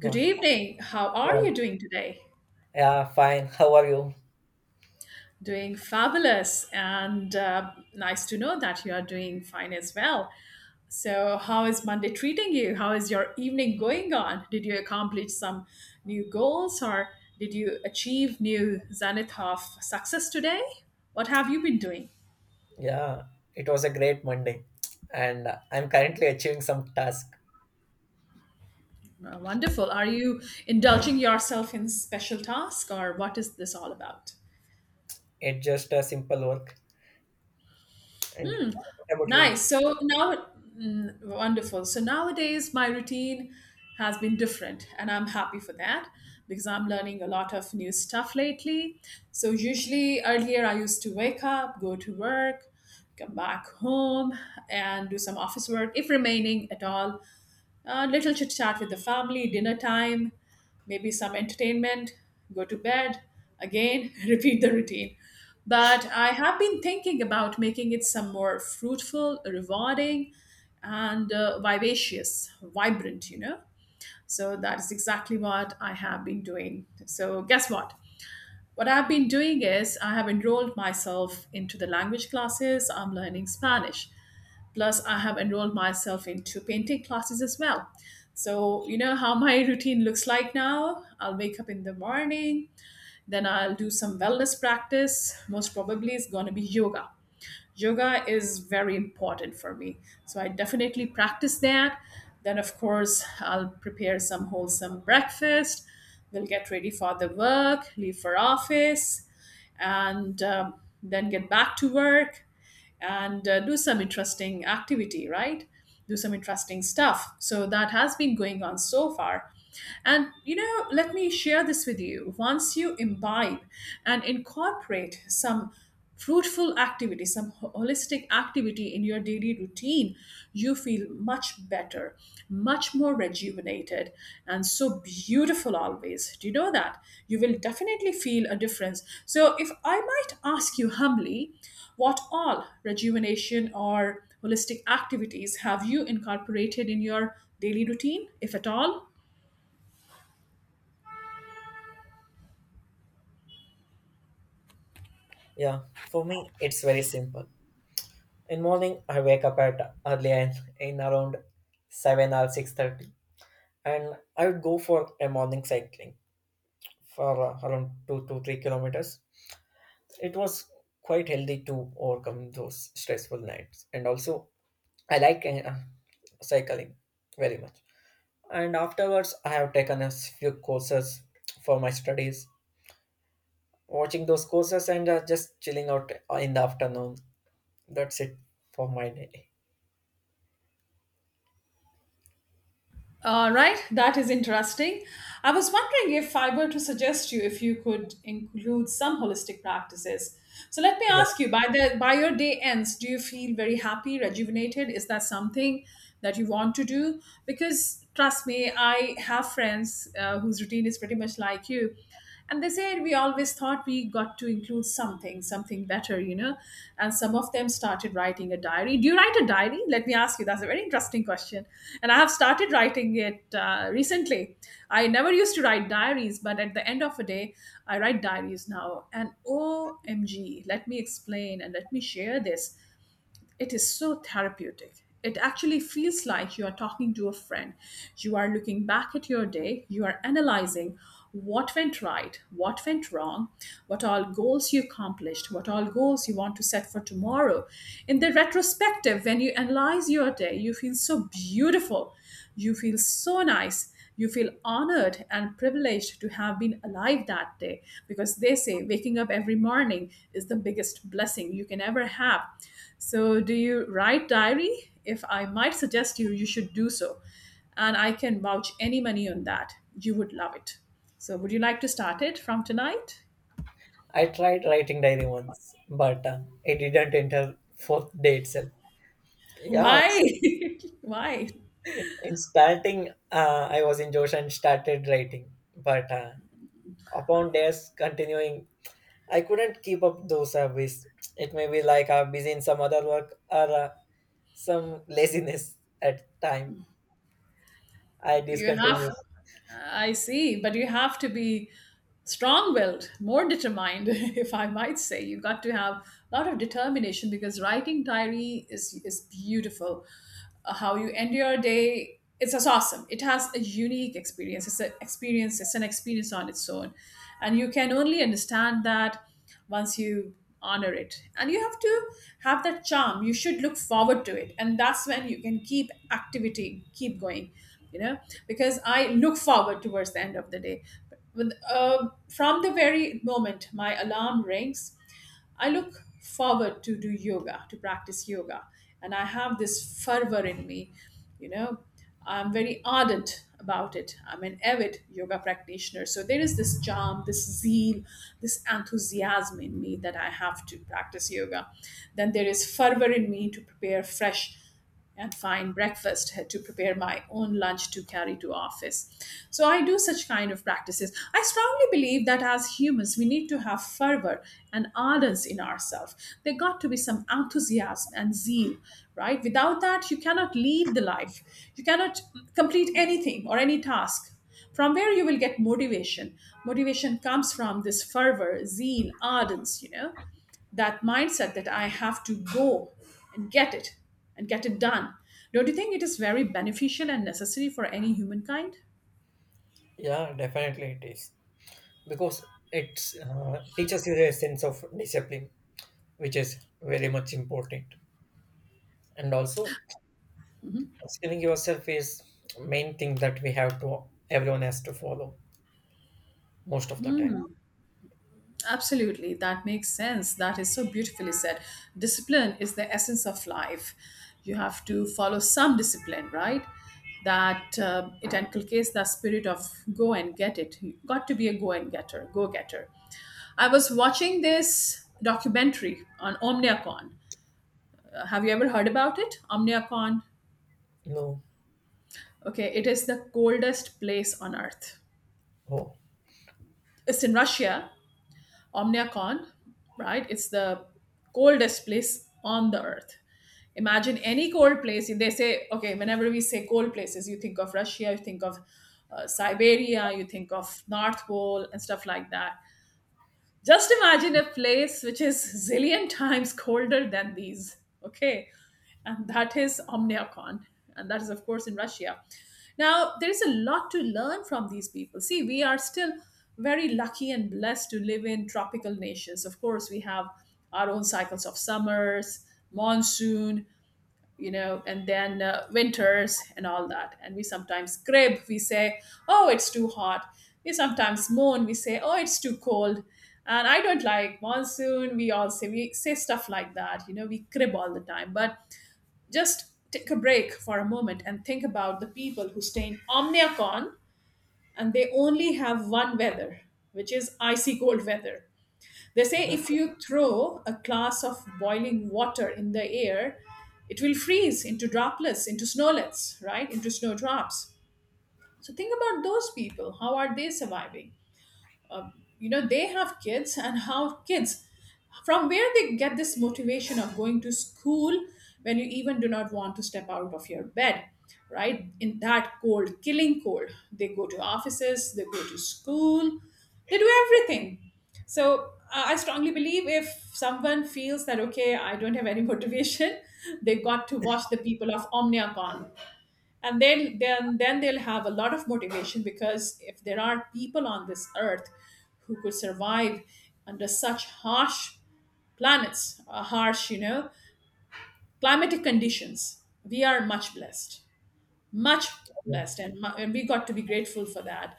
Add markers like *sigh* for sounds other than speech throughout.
Good evening. How are yeah, you doing today? yeah, fine. *laughs* How are you? Doing fabulous, and nice to know that you are doing fine as well. So, how is Monday treating you? How is your evening going on? Did you accomplish some new goals or did you achieve new zenith of success today? What have you been doing? Yeah, it was a great Monday, and I'm currently achieving some task. Wonderful. Are you indulging yourself in special task or what is this all about? It's just a simple work. And what about you? Nice. So now, wonderful. So nowadays, my routine has been different, and I'm happy for that because I'm learning a lot of new stuff lately. So, usually, earlier, I used to wake up, go to work, come back home, and do some office work if remaining at all. A little chit chat with the family, dinner time, maybe some entertainment, go to bed, again, *laughs* repeat the routine. But I have been thinking about making it some more fruitful, rewarding, and vivacious, vibrant, you know. So that is exactly what I have been doing. So, guess what? What I've been doing is I have enrolled myself into the language classes. I'm learning Spanish. Plus, I have enrolled myself into painting classes as well. So, you know how my *laughs* routine looks like now? I'll wake up in the morning, then I'll do some wellness practice. Most probably, it's going to be yoga. Yoga is very important for me. So, I definitely practice that. Then, of course, I'll prepare some wholesome breakfast. We'll get ready for the work, leave for office, and then get back to work and do some interesting activity, right? Do some interesting stuff. So that has been going on so far. And you know, let me share this with you. Once you imbibe and incorporate some fruitful activity, some holistic activity in your daily routine, you feel much better, much more rejuvenated, and so beautiful always. Do you know that? You will definitely feel a difference. So, if I might ask you humbly, what all rejuvenation or holistic activities have you incorporated in your daily routine, if at all? Yeah, for me, it's very simple. In morning, I wake up at early and in around 7 or 6:30, and I would go for a morning cycling for around 2 to 3 kilometers. It was quite healthy to overcome those stressful nights, and also I like cycling very much. And afterwards, I have taken a few courses for my studies, watching those courses and just chilling out in the afternoon. That's it for my day. All right, that is interesting. I was wondering if I were to suggest you if you could include some holistic practices. So let me Yeah. ask you, by the by your day ends, do you feel very happy, rejuvenated? Is that something that you want to do? Because trust me, I have friends whose routine is pretty much like you. And they said we always thought we got to include something, something better, you know. And some of them started writing a diary. Do you write a diary? Let me ask you. That's a very interesting question. And I have started writing it recently. I never used to write diaries, but at the end of a day, I write diaries now. And OMG, let me explain and let me share this. It is so therapeutic. It actually feels like you are talking to a friend. You are looking back at your day, you are analyzing what went right, what went wrong, what all goals you accomplished, what all goals you want to set for tomorrow. In the retrospective, when you analyze your day, you feel so beautiful, you feel so nice, you feel honored and privileged to have been alive that day because they say waking up every morning is the biggest blessing you can ever have. So, do you write diary? If I might suggest you, you should do so. And I can vouch any money on that. You would love it. So, would you like to start it from tonight? I tried writing diary once, but it didn't enter fourth day itself. yeah Why? it's, *laughs* Why? In starting, I was in josh and started writing, but upon days continuing, I couldn't keep up those habits. It may be like I'm busy in some other work, or some laziness at time I You discontinued. have, I see, but you have to be strong-willed, more determined, *laughs* if I might say. You got to have a lot of determination because writing diary is beautiful. How you end your day, it's just awesome. It has a unique experience. It's an experience. It's an experience on its own, and you can only understand that once you honor it, and you have to have that charm. You should look forward to it, and that's when you can keep activity keep going, you know, because I look forward towards the end of the day. But with, from the very moment my alarm rings, I look forward to do yoga, to practice yoga, and I have this fervor in me, you know. I'm very ardent about it. I'm an avid yoga practitioner. So there is this charm, this zeal, this enthusiasm in me that I have to practice yoga. Then there is fervor in me to prepare fresh and find breakfast, to prepare my own lunch to carry to office. So I do such kind of practices. I strongly believe that as humans we need to have fervor and ardence in ourselves. There got to be some enthusiasm and zeal, right? Without that you cannot lead the life. You cannot complete anything or any task. From where you will get motivation? Motivation comes from this fervor, zeal, ardence, you know, that mindset that I have to go and get it and get it done. Don't you think it is very beneficial and necessary for any humankind? Yeah, definitely it is, because it's teaches you a sense of discipline, which is very much important. And also, skilling yourself is main thing that we have to everyone has to follow most of the time. Absolutely, that makes sense. That is so beautifully said. Discipline is the essence of life. You have to follow some discipline, right? That it inculcates the spirit of go and get it. You got to be a go and getter, go getter. I was watching this documentary on OmniaCon. Have you ever heard about it? OmniaCon. No, Okay, it is the coldest place on earth. oh, It's in Russia, Omniacon, right? It's the coldest place on the earth. Imagine any cold place. They say, okay, whenever we say cold places, you think of Russia, you think of Siberia, you think of North Pole and stuff like that. Just imagine a place which is *laughs* zillion times colder than these. Okay. And that is Omniacon. And that is, of course, in Russia. Now, there is a lot to learn from these people. See, we are still very lucky and blessed to live in tropical nations. Of course, we have our own cycles of summers, monsoon, you know, and then winters and all that. And we sometimes crib, we say, oh, it's too hot. We sometimes moan, we say, oh, it's too cold. And I don't like monsoon. We all say, we say stuff like that, you know, we crib all the time. But just take a break for a moment and think about the people who stay in Omniacon, and they only have one weather, which is icy cold weather. They say if okay. you throw a glass of boiling water in the air, it will freeze into droplets, into snowlets, right? Into snowdrops. So think about those people. How are they surviving? You know, they have kids, and how kids, from where they get this motivation of going to school when you even do not want to step out of your bed, right? In that cold, killing cold, they go to offices, they go to school, they do everything. So I strongly believe if someone feels that okay, I don't have any motivation, *laughs* they got to watch the people of Omniacon, and then they'll have a lot of motivation. Because if there are people on this earth who could survive under such harsh planets, harsh, you know, climatic conditions, we are much blessed, much blessed. And we got to be grateful for that.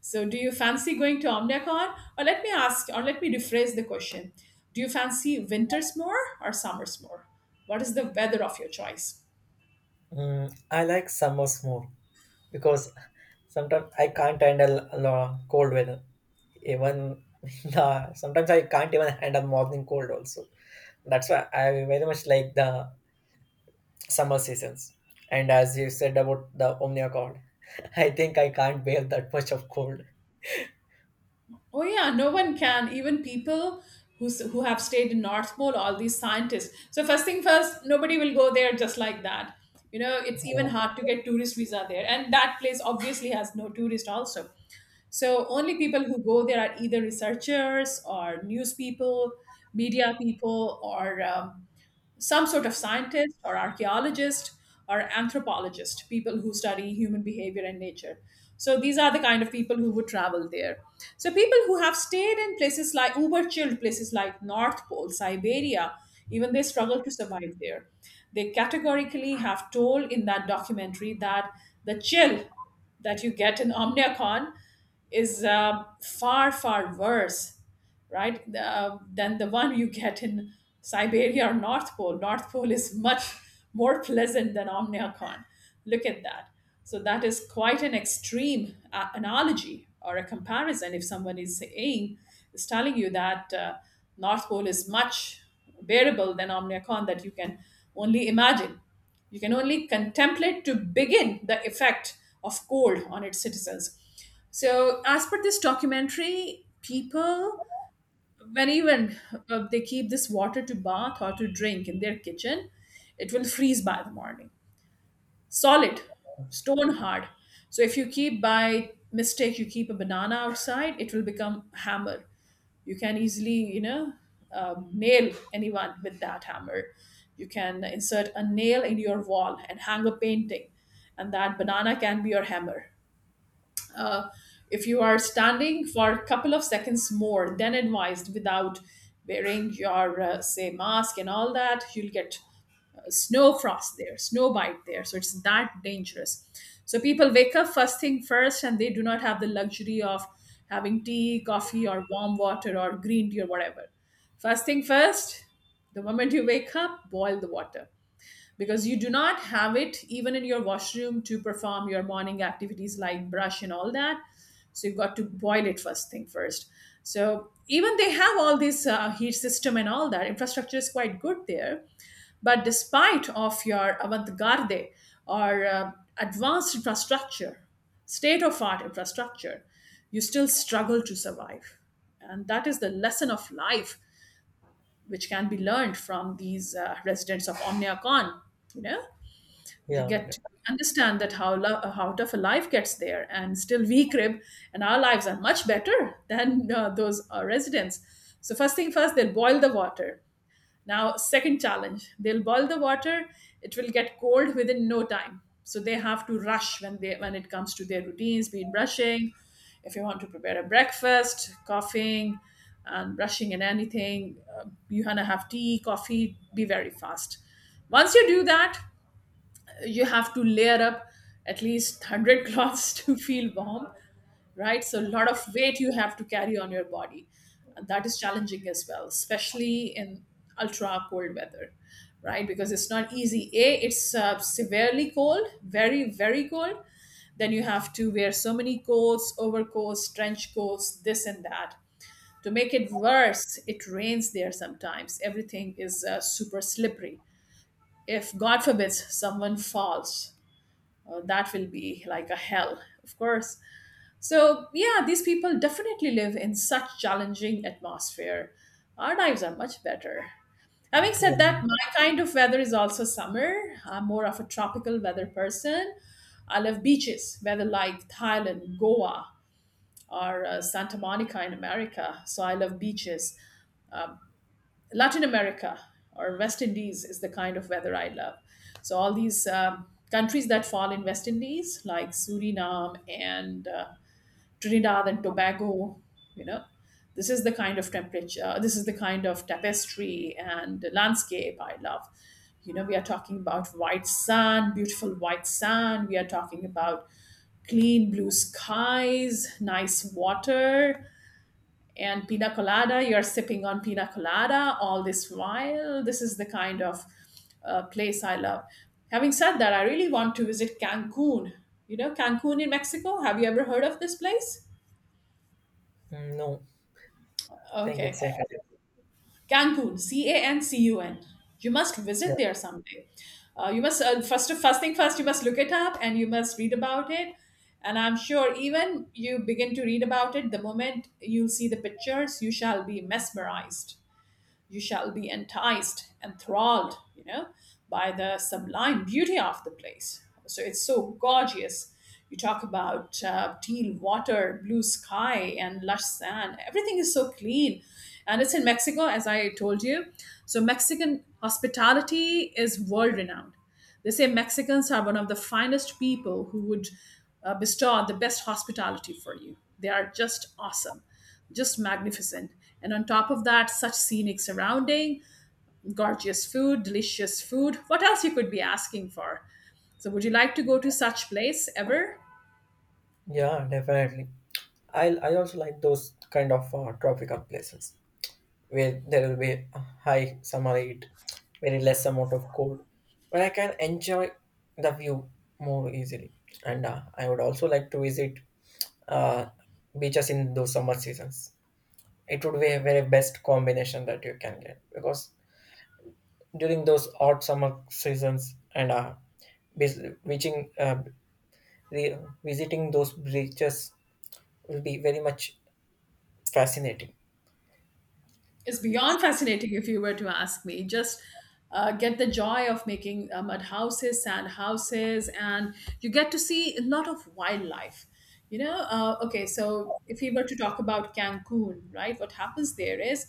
So do you fancy going to Omnicon, or let me ask, or let me rephrase the question, do you fancy winters more or summers more? What is the weather of your choice? Mm, I like summers more because sometimes I can't handle a lot cold weather. Even *laughs* the sometimes I can't even handle morning cold also. That's why I very much like the summer seasons. And as you said about the Omnia God, *laughs* I think I can't bear that much of cold. Oh yeah, no one can. Even people who have stayed in North Pole, all these scientists. So first thing first, nobody will go there just like that. You know, it's even So, hard to get tourist visa there, and that place obviously has no tourist also. So only people who go there are either researchers or news people, media people, or some sort of scientist or archaeologist or anthropologist, people who study human behavior and nature. So these are the kind of people who would travel there. So people who have stayed in places like uber chilled places like North Pole, Siberia, even they struggle to survive there. They categorically have told in that documentary that the chill that you get in Omniacon is far, far worse, right, than the one you get in Siberia or North Pole. North Pole is much *laughs* more pleasant than Omniacon. Look at that. So that is quite an extreme analogy or a comparison. If someone is saying, is telling you that North Pole is much bearable than Omniacon, that you can only imagine, you can only contemplate to begin the effect of cold on its citizens. So, as per this documentary, people, when even they keep this water to bath or to drink in their kitchen, it will freeze by the morning. Solid, stone hard. So if you keep by mistake, you keep a banana outside, it will become hammer. You can easily, nail anyone with that hammer. You can insert a nail in your wall and hang a painting, and that banana can be your hammer. uh, if you are standing for a couple of seconds more than advised without wearing your say mask and all that, you'll get snow frost there, snow bite there. So it's that dangerous. So people wake up first thing first, and they do not have the luxury of having tea, coffee, or warm water or green tea or whatever. First thing first, the moment you wake up, boil the water, because you do not have it even in your washroom to perform your morning activities like brush and all that. So you've got to boil it first thing first. So even they have all this heat system and all that. Infrastructure is quite good there, but despite of your avant-garde or advanced infrastructure, state of art infrastructure, you still struggle to survive. And that is the lesson of life, which can be learned from these residents of Omniacon. You know, you yeah, get to understand that how how tough a life gets there, and still we crib, and our lives are much better than those residents. So first thing first, they'll boil the water. Now second challenge, they'll boil the water, it will get cold within no time. So they have to rush when they when it comes to their routines, be it brushing. If you want to prepare a breakfast, coughing and brushing and anything, you want to have tea, coffee, be very fast. Once you do that, you have to layer up at least 100 cloths *laughs* to feel warm, right? So a lot of weight you have to carry on your body, and that is challenging as well, especially in ultra cold weather, right? Because it's not easy. A It's severely cold, very, very cold. Then you have to wear so many coats, overcoats, trench coats, this and that. To make it worse, it rains there sometimes, everything is super slippery. If god forbids, someone falls, that will be like a hell, of course. So, yeah, these people definitely live in such challenging atmosphere. Our lives are much better. Having said yeah. that, my kind of weather is also summer. I'm more of a tropical weather person. I love beaches, whether like Thailand, Goa, or Santa Monica in America. So I love beaches. Latin America or West Indies is the kind of weather I love. So all these countries that fall in West Indies, like Suriname and Trinidad and Tobago, you know, this is the kind of temperature, this is the kind of tapestry and landscape I love. You know, we are talking about white sand, beautiful white sand. We are talking about clean blue skies, nice water, and pina colada. You're sipping on pina colada all this while. This is the kind of place I love. Having said that, I really want to visit Cancun. You know, Cancun in Mexico, have you ever heard of this place? Mm, no, I think it's Okay. safe. Cancun, C A N C U N. You must Yeah, visit there someday. You must first thing first you must look it up and you must read about it. And I'm sure even you begin to read about it, the moment you see the pictures you shall be mesmerized. You shall be enticed, enthralled, you know, by the sublime beauty of the place. So it's so gorgeous. You talk about teal water, blue sky, and lush sand. Everything is so clean. And it's in Mexico, as I told you. So Mexican hospitality is world renowned. They say Mexicans are one of the finest people who would bestow the best hospitality for you. They are just awesome, just magnificent. And on top of that, such scenic surrounding, gorgeous food, delicious food. What else you could be asking for? So would you like to go to such place ever? yeah, definitely. I also like those kind of tropical places, where there will be a high summer heat, very less amount of cold, where I can enjoy the view more easily. And I would also like to visit uh, beaches in those summer seasons. It would be a very best combination that you can get, because during those hot summer seasons and vis- reaching uh, re- visiting those beaches will be very much fascinating. Is beyond fascinating, if you were to ask me. Just get the joy of making mud houses, sand houses, and you get to see a lot of wildlife. You know, okay, so if we were to talk about Cancun, right, what happens there is,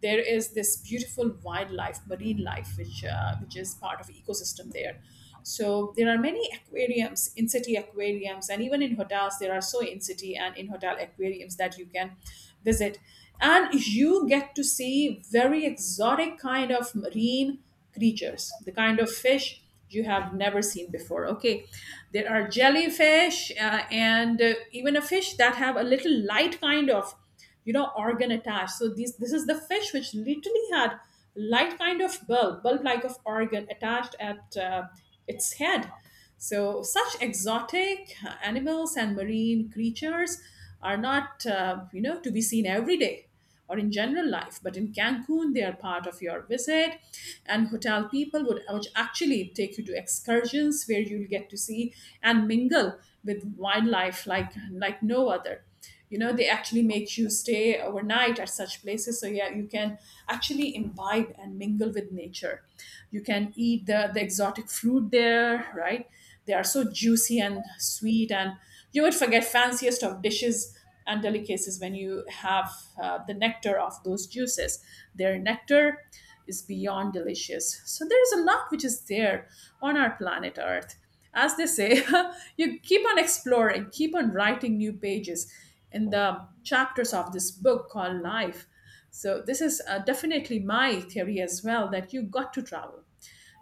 there is this beautiful wildlife, marine life, which is part of ecosystem there. So there are many aquariums, in-city aquariums, and even in hotels, there are so in-city and in-hotel aquariums that you can visit. And you get to see very exotic kind of marine creatures, the kind of fish you have never seen before. Okay, there are jellyfish and even a fish that have a little light kind of, you know, organ attached. So these this is the fish which literally had light kind of bulb like of organ attached at its head. So such exotic animals and marine creatures are not, you know, to be seen every day or in general life, but in Cancun they are part of your visit. And hotel people would, which actually take you to excursions where you'll get to see and mingle with wildlife like no other. You know, they actually make you stay overnight at such places. So yeah, you can actually imbibe and mingle with nature. You can eat the exotic fruit there, right? They are so juicy and sweet, and you would forget fanciest of dishes and delicacies when you have the nectar of those juices. Their nectar is beyond delicious. So there is a lot which is there on our planet Earth. As they say, *laughs* you keep on exploring, keep on writing new pages in the chapters of this book called Life. So this is definitely my theory as well, that you got to travel.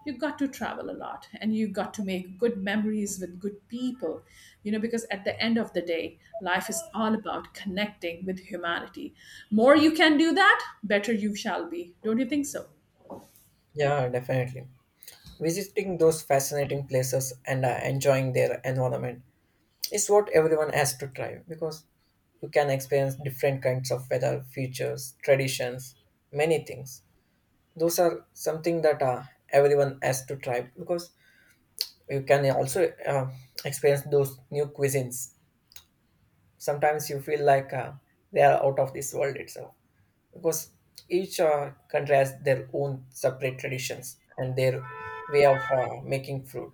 You got to travel a lot, and you got to make good memories with good people, you know, because at the end of the day, life is all about connecting with humanity. More you can do that, better you shall be. Don't you think so? Yeah, definitely. Visiting those fascinating places and enjoying their environment is what everyone has to try, because you can experience different kinds of weather, features, traditions, many things. Those are something that everyone has to try, because you can also experience those new cuisines. Sometimes you feel like they are out of this world itself, because each country has their own separate traditions and their way of making food,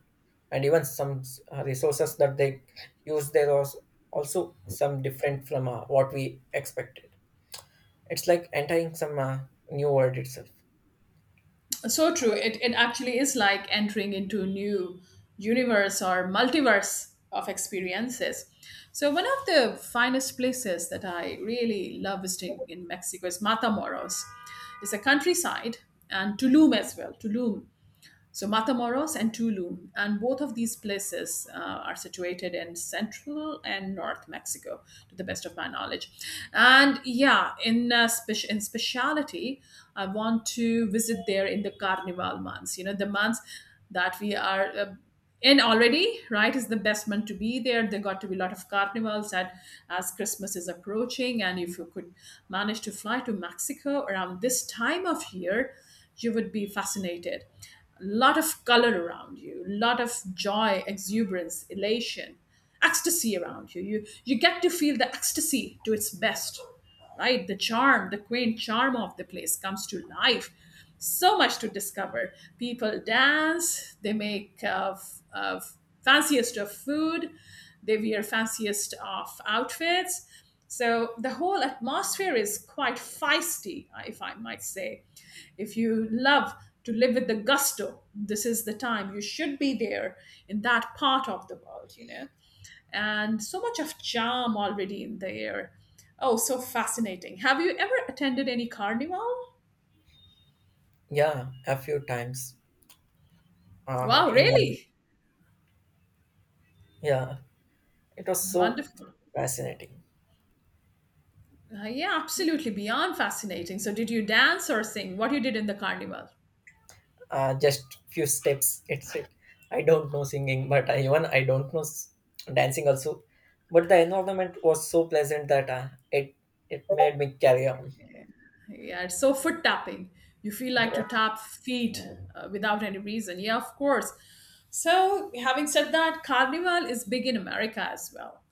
and even some resources that they use there was also some different from what we expected. It's like entering some new world itself. So true. It actually is like entering into a new universe or multiverse of experiences. So, one of the finest places that I really love visiting in Mexico is Matamoros. It's a countryside, and Tulum as well. Tulum. So Matamoros and Tulum, and both of these places are situated in central and north Mexico, to the best of my knowledge. And yeah, in speciality, I want to visit there in the Carnival months. You know, the months that we are in already, right? Is the best month to be there. There got to be a lot of carnivals, and as Christmas is approaching, and if you could manage to fly to Mexico around this time of year, you would be fascinated. Lot of color around you, lot of joy, exuberance, elation, ecstasy around you. You get to feel the ecstasy to its best, right? The charm, the quaint charm of the place comes to life. So much to discover. People dance. They make fanciest of food. They wear fanciest of outfits. So the whole atmosphere is quite feisty, if I might say. If you love to live with the gusto, this is the time you should be there, in that part of the world, you know. And so much of charm already in the air. Oh, so fascinating. Have you ever attended any carnival? Yeah, a few times. Wow, In really? Yeah, it was so Wonderful. fascinating. Yeah, absolutely. Beyond fascinating. So, did you dance or sing? What you did in the carnival? Just few steps. It's it I don't know singing, but even I don't know dancing also. But the environment was so pleasant that it made me carry on. Yeah, it's so foot tapping. You feel like Yeah, to tap feet without any reason. Yeah, of course. So, having said that, Carnival is big in America as well.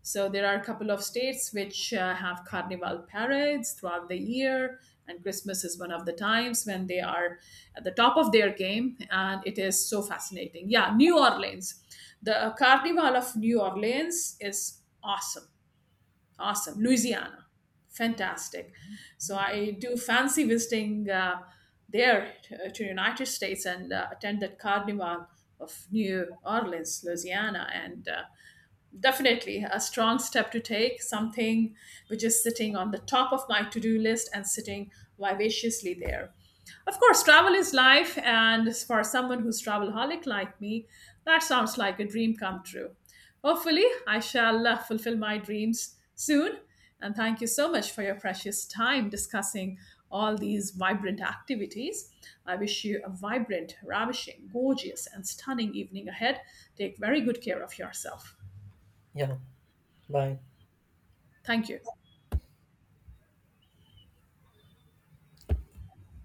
So, there are a couple of states which have Carnival parades throughout the year, and Christmas is one of the times when they are at the top of their game, and it is so fascinating. Yeah, New Orleans. The Carnival of New Orleans is awesome. Awesome. Louisiana. Fantastic. So I do fancy visiting there to United States, and attend that Carnival of New Orleans, Louisiana, and definitely a strong step to take, something which is sitting on the top of my to do list, and sitting vivaciously there. Of course, travel is life, and for someone who's travelholic like me, that sounds like a dream come true. Hopefully, I shall fulfill my dreams soon. And thank you so much for your precious time discussing all these vibrant activities. I wish you a vibrant, ravishing, gorgeous, and stunning evening ahead. Take very good care of yourself. yeah. Bye. Thank you.